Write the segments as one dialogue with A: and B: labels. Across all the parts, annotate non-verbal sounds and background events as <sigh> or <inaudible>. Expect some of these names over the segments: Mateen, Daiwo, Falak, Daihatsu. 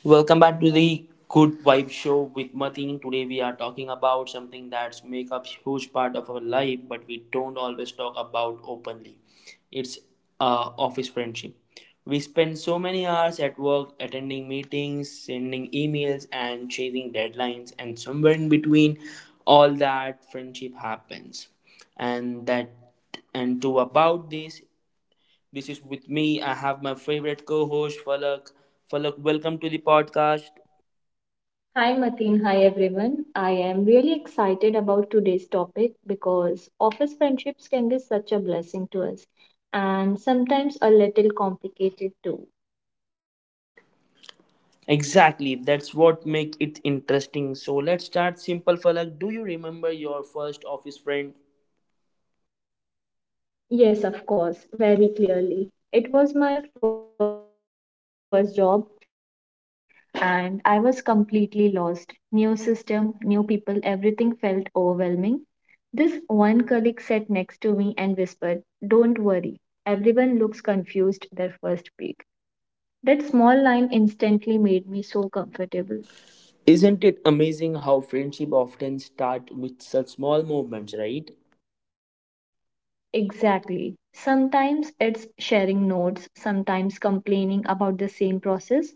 A: Welcome back to the Good Vibe Show with Mateen. Today we are talking about something that's make up huge part of our life, but we don't always talk about openly. It's office friendship. We spend so many hours at work, attending meetings, sending emails, and chasing deadlines, and somewhere in between, all that friendship happens. And that and to about this this is with me. I have my favorite co-host Falak. Falak, welcome to the podcast.
B: Hi Mateen, hi everyone. I am really excited about today's topic because office friendships can be such a blessing to us and sometimes a little complicated too.
A: Exactly, that's what make it interesting. So let's start simple, Falak. Do you remember your first office friend?
B: Yes, of course, very clearly. It was my first job, first week, and I was completely lost. New system, new people, everything felt overwhelming. This one colleague sat next to me and whispered, "Don't worry, everyone looks confused their first week." That small line instantly made me so comfortable.
A: Isn't it amazing how friendship often start with such small movements, right?
B: Exactly. Sometimes it's sharing notes, sometimes complaining about the same process,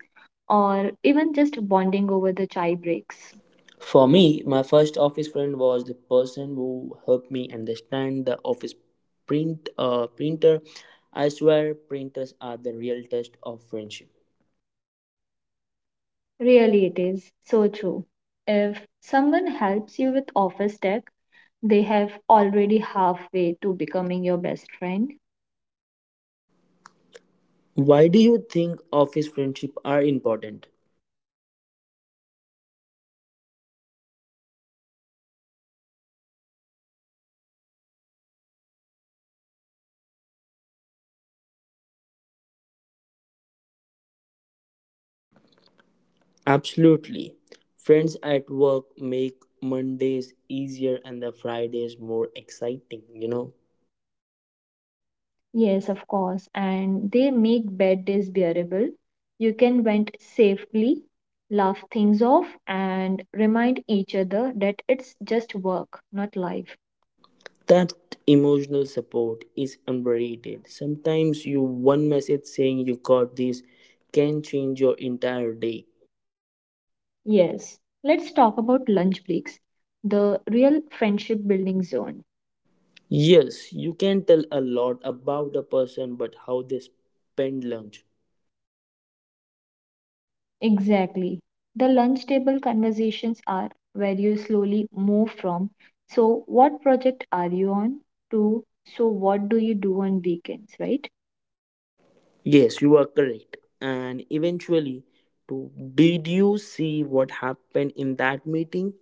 B: or even just bonding over the chai breaks.
A: For me, my first office friend was the person who helped me understand the office printer. I swear printers are the real test of friendship.
B: Really, it is so true. If someone helps you with office tech, they have already halfway to becoming your best friend.
A: Why do you think office friendships are important?
B: Because work can be stressful for everyone, deadlines, targets, pressure. Having someone who understands exactly what you are going through makes a huge difference in your life.
A: Absolutely. Friends at work make Mondays easier and the Fridays more exciting, you know?
B: Yes, of course, and they make bad days bearable. You can vent safely, laugh things off, and remind each other that it's just work, not life.
A: That emotional support is underrated. Sometimes you one message saying you got this can change your entire day.
B: Yes, let's talk about lunch breaks, the real friendship building zone.
A: Yes, you can tell a lot about a person but how they spend lunch.
B: Exactly. The lunch table conversations are where you slowly move from, so what project are you on, to, so what do you do on weekends, right?
A: Yes, you are correct. And eventually, to, did you see what happened in that meeting?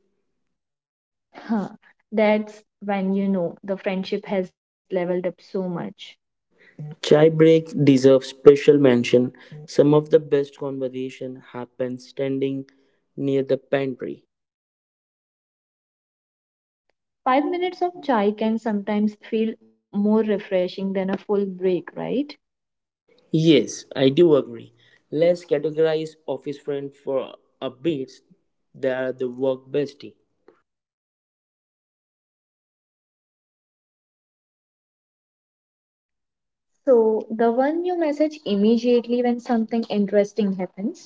B: Huh. That's when you know the friendship has leveled up so much.
A: Chai break deserves special mention. Some of the best conversation happened standing near the pantry.
B: True. 5 minutes of chai can sometimes feel more refreshing than a full break, right?
A: Yes, I do agree. Let's categorize office friend for a bit. They are the work bestie.
B: So, the one you message immediately when something interesting happens.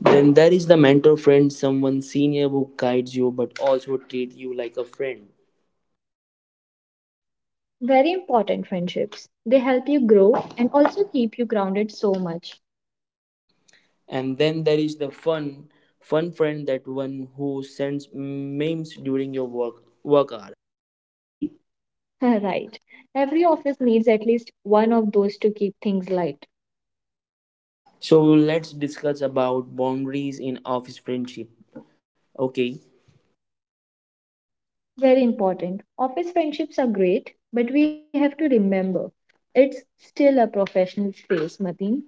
A: Then there is the mentor friend, someone senior who guides you but also treats you like a friend.
B: Very important friendships. They help you grow and also keep you grounded so much.
A: And then there is the fun friend, that one who sends memes during your work hour.
B: <laughs> Right. Every office needs at least one of those to keep things light.
A: So let's discuss about boundaries in office friendship. Okay,
B: Very important. Office friendships are great, but we have to remember it's still a professional space, Mateen.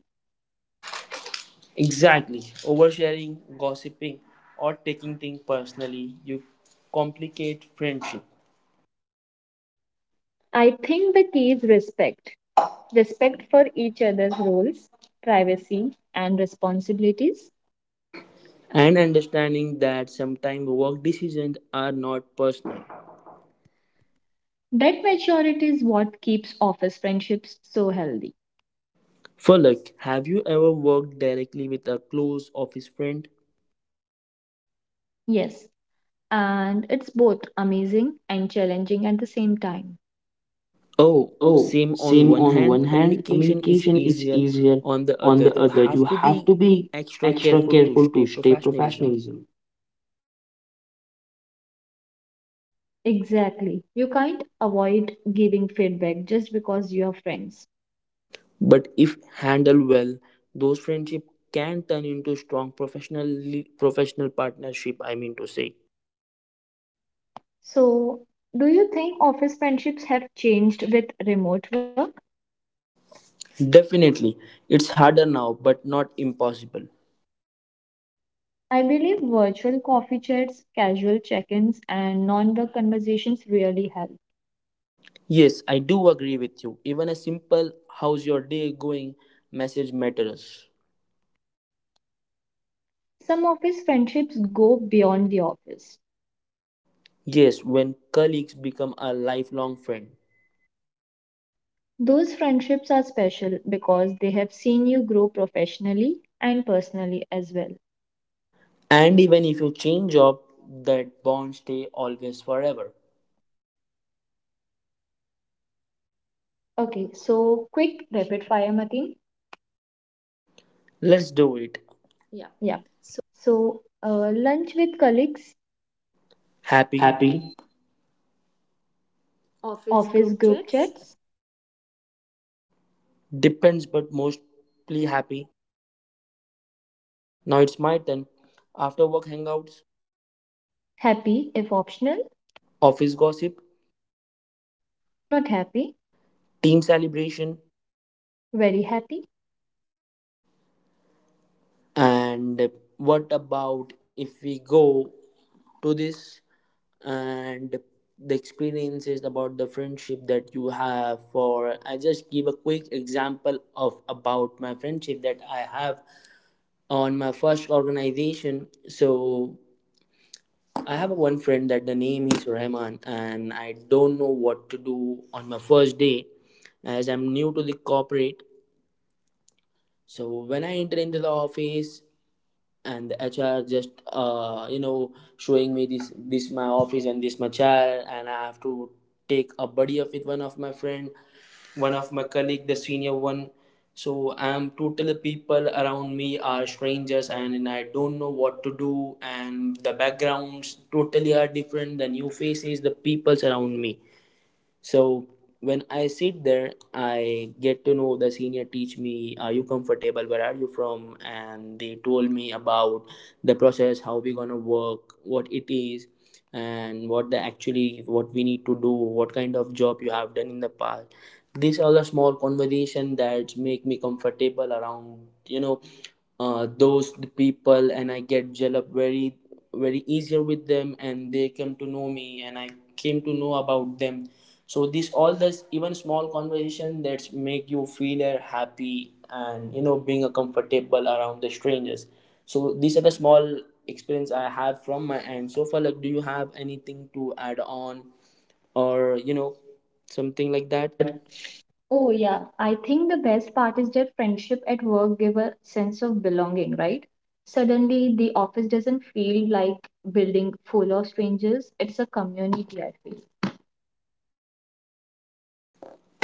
A: exactly. Oversharing, gossiping, or taking things personally, you complicate friendship.
B: I think the key is respect. Respect for each other's roles, privacy, and responsibilities.
A: And understanding that sometimes work decisions are not personal.
B: That maturity is what keeps office friendships so healthy.
A: For luck, have you ever worked directly with a close office friend?
B: Yes, and it's both amazing and challenging at the same time.
A: Oh,
B: Oh,
A: same on
B: same.
A: one
B: On one
A: hand,
B: hand,
A: communication is
B: communication is
A: easier.
B: easier.
A: On the
B: On
A: other,
B: the
A: you
B: other, you
A: have to
B: have to
A: be
B: be
A: extra
B: extra
A: careful to
B: careful to
A: stay
B: stay
A: professionalism.
B: professionalism. Exactly. You can't avoid giving feedback just because you're friends.
A: But if handled well, those friendship can turn into strong professional partnership, I mean to say.
B: So, do you think office friendships have changed with remote work?
A: Definitely, it's harder now, but not impossible.
B: I believe virtual coffee chats, casual check ins, and non work conversations really help.
A: Yes, I do agree with you. Even a simple how's your day going message matters.
B: Some office friendships go beyond the office.
A: Yes, when colleagues become a lifelong friend.
B: Those friendships are special because they have seen you grow professionally and personally as well.
A: And even if you change job, that bond stay always forever.
B: Okay, so quick rapid fire, Matin.
A: Let's do it.
B: Yeah. So, lunch with colleagues.
A: Happy
B: Happy, office group chats,
A: depends, but mostly happy. Now it's my turn. After work hangouts,
B: happy if optional,
A: office gossip,
B: not happy,
A: team celebration,
B: very happy.
A: and what about if we go to this and the experiences about the friendship that you have? For I just give a quick example of about my friendship that I have on my first organization. So I have one friend that the name is Rahman and I don't know what to do on my first day as I'm new to the corporate. So when I enter into the office and the HR just you know, showing me this, this my office and this my chair, and I have to take a buddy up with one of my friend, one of my colleague, the senior one. So I'm totally, people around me are strangers and I don't know what to do, and the backgrounds totally are different, the new faces, the peoples around me. So when I sit there, I get to know the senior teach me, are you comfortable? Where are you from? And they told me about the process, how we gonna work, what it is, and what the actually what we need to do, what kind of job you have done in the past. These are the small conversation that make me comfortable around, you know, those people, and I get gel up very easier with them, and they come to know me, and I came to know about them. So this all this, even small conversation that make you feel happy and you know, being a comfortable around the strangers. So these are the small experience I have from my end so far. Like, do you have anything to add on, or you know, something like
B: Like
A: that?
B: that. Oh, yeah. I think the best part is that friendship at work give a sense of belonging, right? Suddenly, the office doesn't feel like building full of strangers. It's a community, I feel.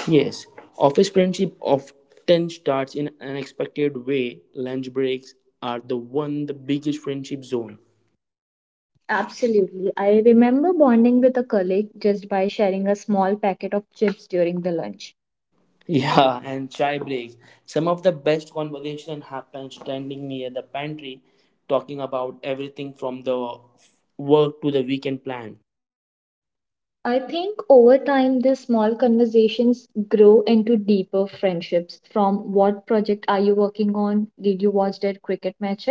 A: Yes, office friendship often starts in an unexpected way. Lunch breaks are the one the biggest friendship zone.
B: Absolutely. I remember bonding with a colleague just by sharing a small packet of chips during the lunch.
A: Yeah, and chai breaks. Some of the best conversation happen standing near the pantry, talking about everything from the work to the weekend plan.
B: I think over time, these small conversations grow into deeper friendships. From what project are you working on? Did you watch that cricket match?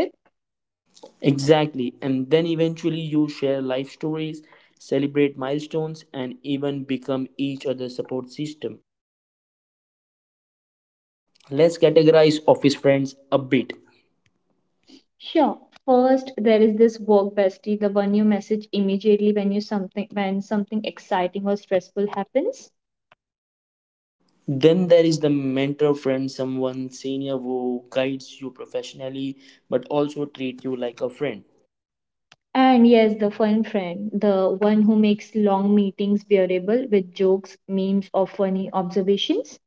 A: Exactly, and then eventually you share life stories, celebrate milestones, and even become each other's support system. Let's categorize office friends a bit.
B: Sure. First, there is this work bestie, the one you message immediately when you something when something exciting or stressful happens.
A: Then there is the mentor friend, someone senior who guides you professionally but also treat you like a friend.
B: And yes, the fun friend, the one who makes long meetings bearable with jokes, memes, or funny observations.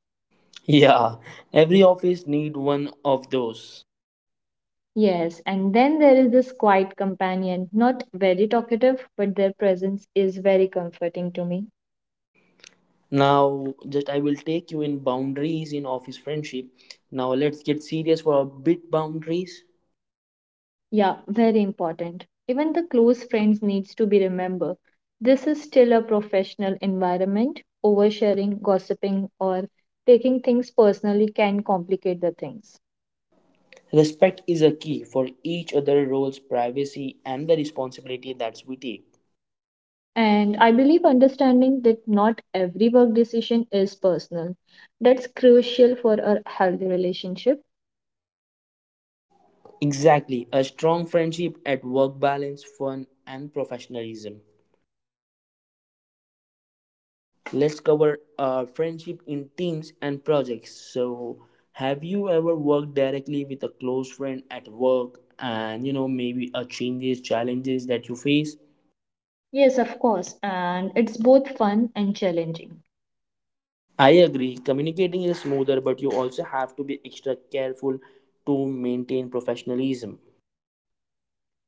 A: Yeah, every office need one of those.
B: Yes, and then there is this quiet companion, not very talkative, but their presence is very comforting to me.
A: Now, just I will take you in boundaries in office friendship. Now let's get serious for a bit boundaries.
B: Yeah, very important. Even the close friends needs to be remembered. This is still a professional environment. Oversharing, gossiping, or taking things personally can complicate the things.
A: Respect is a key for each other roles, privacy and the responsibility that we take.
B: And I believe understanding that not every work decision is personal. That's crucial for a healthy relationship.
A: Exactly, a strong friendship at work balance, fun and professionalism. Let's cover friendship in teams and projects. So, have you ever worked directly with a close friend at work, and you know, maybe a changes challenges that you face?
B: Yes, of course. And it's both fun and challenging.
A: I agree, communicating is smoother, but you also have to be extra careful to maintain professionalism.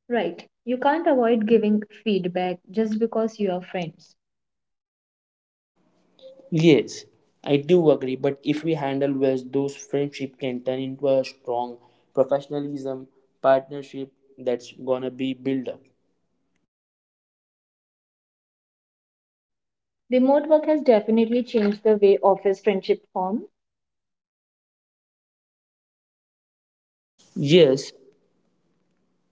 B: Right. You can't avoid giving feedback just because you are friends.
A: Yes, I do agree, but if we handle well, those friendship can turn into a strong professionalism partnership that's gonna be built up.
B: Remote work has definitely changed the way office friendship form.
A: Yes,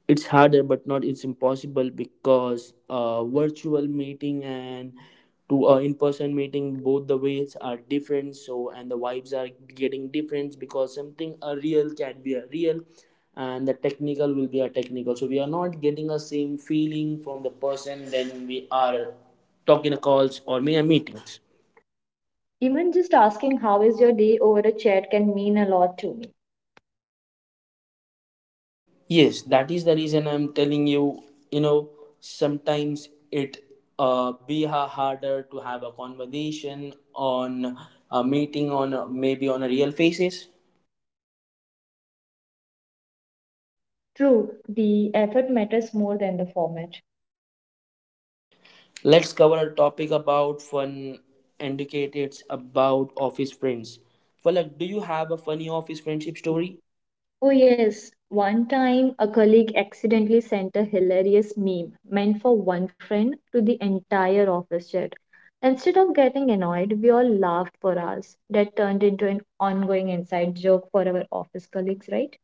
A: it's harder but not it's impossible, because virtual meeting and to in-person meeting, both the ways are different. So and the vibes are getting different, because something a real can be a real and the technical will be a technical, so we are not getting a same feeling from the person when we are talking to calls or mere meetings.
B: Even just asking how is your day over a chat can mean a lot to me.
A: Yes, that is the reason I'm telling you, you know, sometimes it harder to have a conversation on a meeting, on a, maybe on a real faces.
B: True, the effort matters more than the format.
A: Let's cover a topic about fun indicators about office friends. Falak, do you have a funny office
B: Friendship
A: friendship
B: story.
A: story?
B: Oh yes, one time a colleague accidentally sent a hilarious meme meant for one friend to the entire office chat. Instead of getting annoyed, we all laughed for hours. That turned into an ongoing inside joke for our office colleagues, right?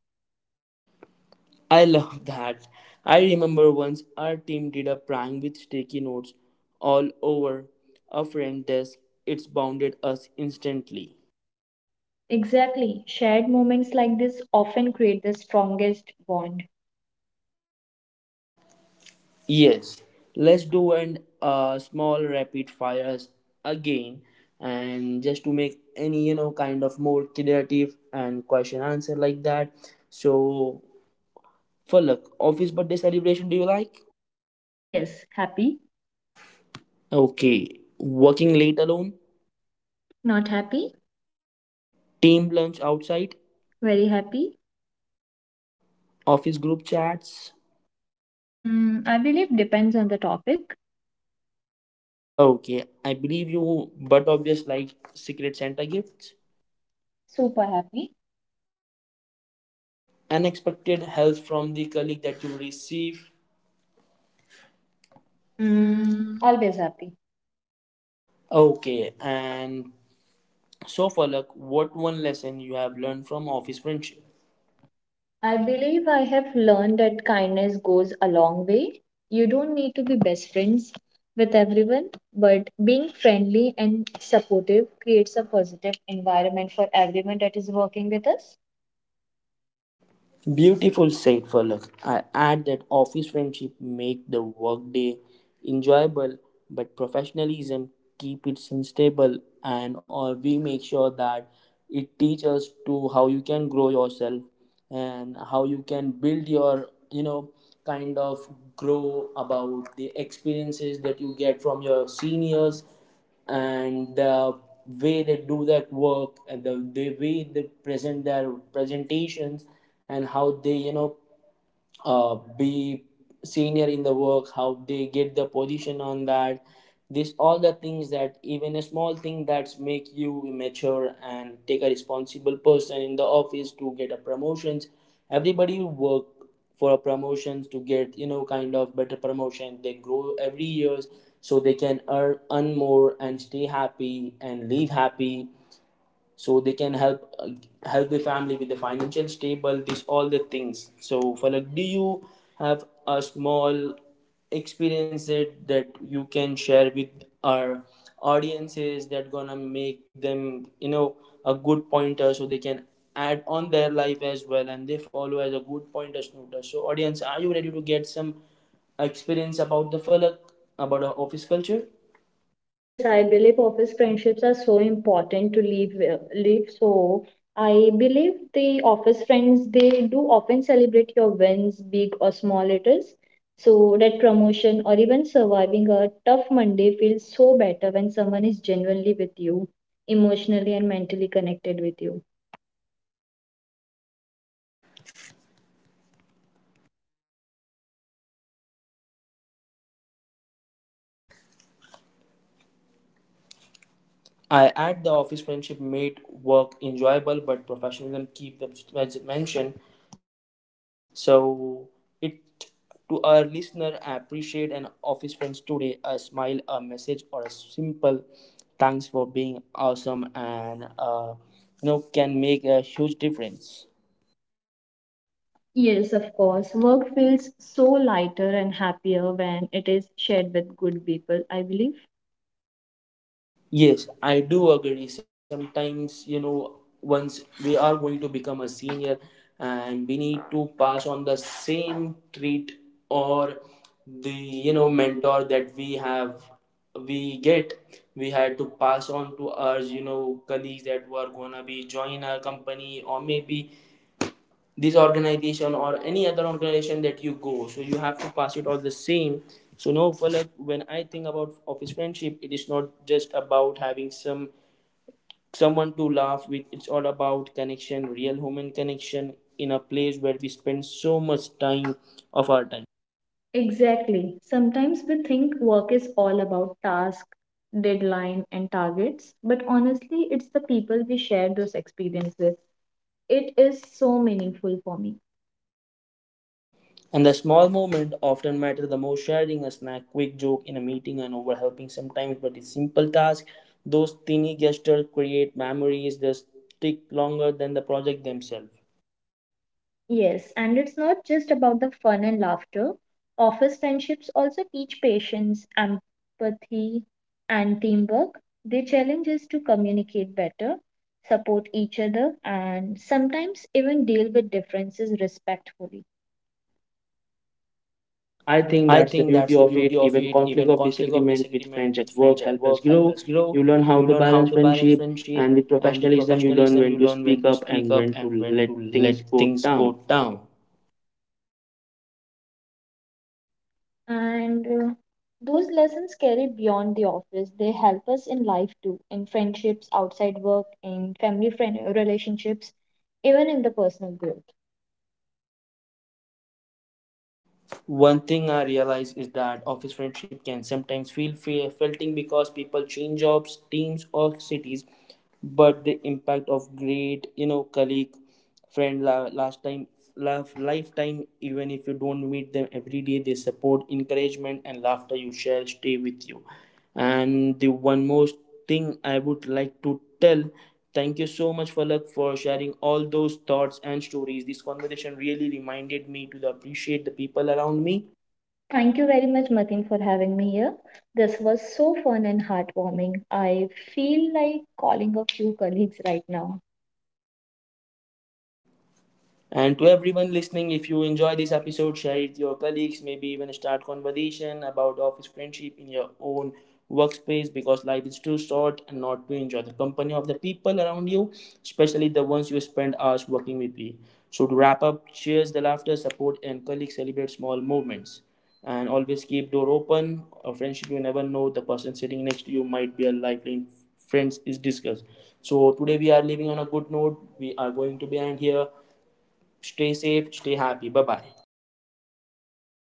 A: I love <laughs> that. I remember once our team did a prank with sticky notes all over a friend's desk. It's bounded us instantly.
B: Exactly. Shared moments like this often create the strongest bond.
A: Yes, let's do an small rapid fires again, and just to make any, you know, kind of more creative and question answer like that. So, Falak, office birthday celebration do you like?
B: Yes, happy,
A: Okay, working late alone,
B: not happy,
A: team lunch outside,
B: very happy.
A: office group chats.
B: Mm, I believe depends on the topic.
A: Okay, I believe you, but obvious like secret Santa gifts,
B: Super happy.
A: unexpected help from the colleague that you receive.
B: Mm, always happy.
A: Okay, and so, Falak, what one lesson you have learned from office friendship?
B: I believe I have learned that kindness goes a long way. You don't need to be best friends with everyone, but being friendly and supportive creates a positive environment for everyone that is working with us.
A: Beautiful said, Falak. I add that office friendship make the workday enjoyable, but professionalism keep it sustainable, and or we make sure that it teach us to how you can grow yourself, and how you can build your, you know, kind of grow about the experiences that you get from your seniors, and the way they do their work, and the way they present their presentations, and how they, you know, be senior in the work, how they get the position on that. This all the things, that even a small thing that's make you mature and take a responsible person in the office to get a promotions. Everybody work for promotions to get, you know, kind of better promotion, they grow every years, so they can earn more and stay happy and live happy, so they can help help the family with the financial stable, this all the things. So Falak, do you have a small experience it that you can share with our audiences that gonna make them, you know, a good pointer, so they can add on their life as well, and they follow as a good pointer snooter. So audience, are you ready to get some experience about the Falak, about our office culture?
B: Yes, I believe office friendships are so important to live. So I believe the office friends they do often celebrate your wins, big or small it is. So that promotion or even surviving a tough Monday feels so better when someone is genuinely with you, emotionally and mentally connected with you.
A: I at the office friendship made work enjoyable, but professionalism keep the as mentioned. So it to our listener, I appreciate an office friends today. A smile, a message, or a simple thanks for being awesome, and you know, can make a huge difference.
B: Yes, of course. Work feels so lighter and happier when it is shared with good people, I believe.
A: Yes, I do agree. Sometimes, you know, once we are going to become a senior, and we need to pass on the same treat, or the, you know, mentor that we have, we get, we had to pass on to our, you know, colleagues that were gonna be join our company, or maybe this organization or any other organization that you go, so you have to pass it all the same. So no, for like, when I think about office friendship, it is not just about having some someone to laugh with. It's all about connection, real human connection in a place where we spend so much time of our time.
B: Exactly. Sometimes we think work is all about task, deadline, and targets, but honestly, it's the people we share those experiences with. It is so meaningful for me.
A: And the small moment often matter the most, sharing a snack, quick joke in a meeting, and over helping sometimes, but it's simple task. Those tiny gestures create memories that stick longer than the project themselves.
B: Yes, and it's not just about the fun and laughter. Office friendships also teach patience, empathy, and teamwork. They challenge us to communicate better, support each other, and sometimes even deal with differences respectfully. I think
A: I
B: that's the
A: think
B: beauty
A: that's the
B: of it.
A: beauty of
B: Even
A: it.
B: conflict
A: Even
B: of
A: conflict of
B: disagreement with
A: disagreement
B: friends at
A: with
B: work
A: friends at
B: help us
A: work help
B: grow.
A: us
B: You
A: grow.
B: learn how
A: You
B: to
A: learn how
B: balance
A: to balance
B: friendship,
A: friendship,
B: and with
A: and with
B: professionalism, you learn
A: professionalism,
B: when
A: you
B: to
A: learn when
B: speak
A: to
B: up
A: speak
B: and
A: up
B: when
A: and
B: to
A: when
B: let
A: to
B: things
A: let
B: go
A: things go
B: down.
A: down.
B: And those lessons carry beyond the office. They help us in life too, in friendships outside work, in family friend relationships, even in the personal growth.
A: One thing I realize is that office friendship can sometimes feel felting, because people change jobs, teams, or cities, but the impact of great, you know, colleague, friend, last time, love, lifetime, even if you don't meet them every day, their support, encouragement, and laughter you share stay with you. And the one more thing I would like to tell, thank you so much, Falak, for sharing all those thoughts and stories. This conversation really reminded me to appreciate the people around me.
B: Thank you very much, Matin, for having me here. This was so fun and heartwarming. I feel like calling a few colleagues right now.
A: And to everyone listening, if you enjoy this episode, share it with your colleagues, maybe even start conversation about office friendship in your own workspace, because life is too short and not to enjoy the company of the people around you, especially the ones you spend hours working with. You. So to wrap up, cheers the laughter, support and colleagues celebrate small movements. And always keep door open. A friendship, you never know, the person sitting next to you might be a lifeline friends is discussed. So today we are leaving on a good note. We are going to be end here. Stay safe, stay happy. Bye bye.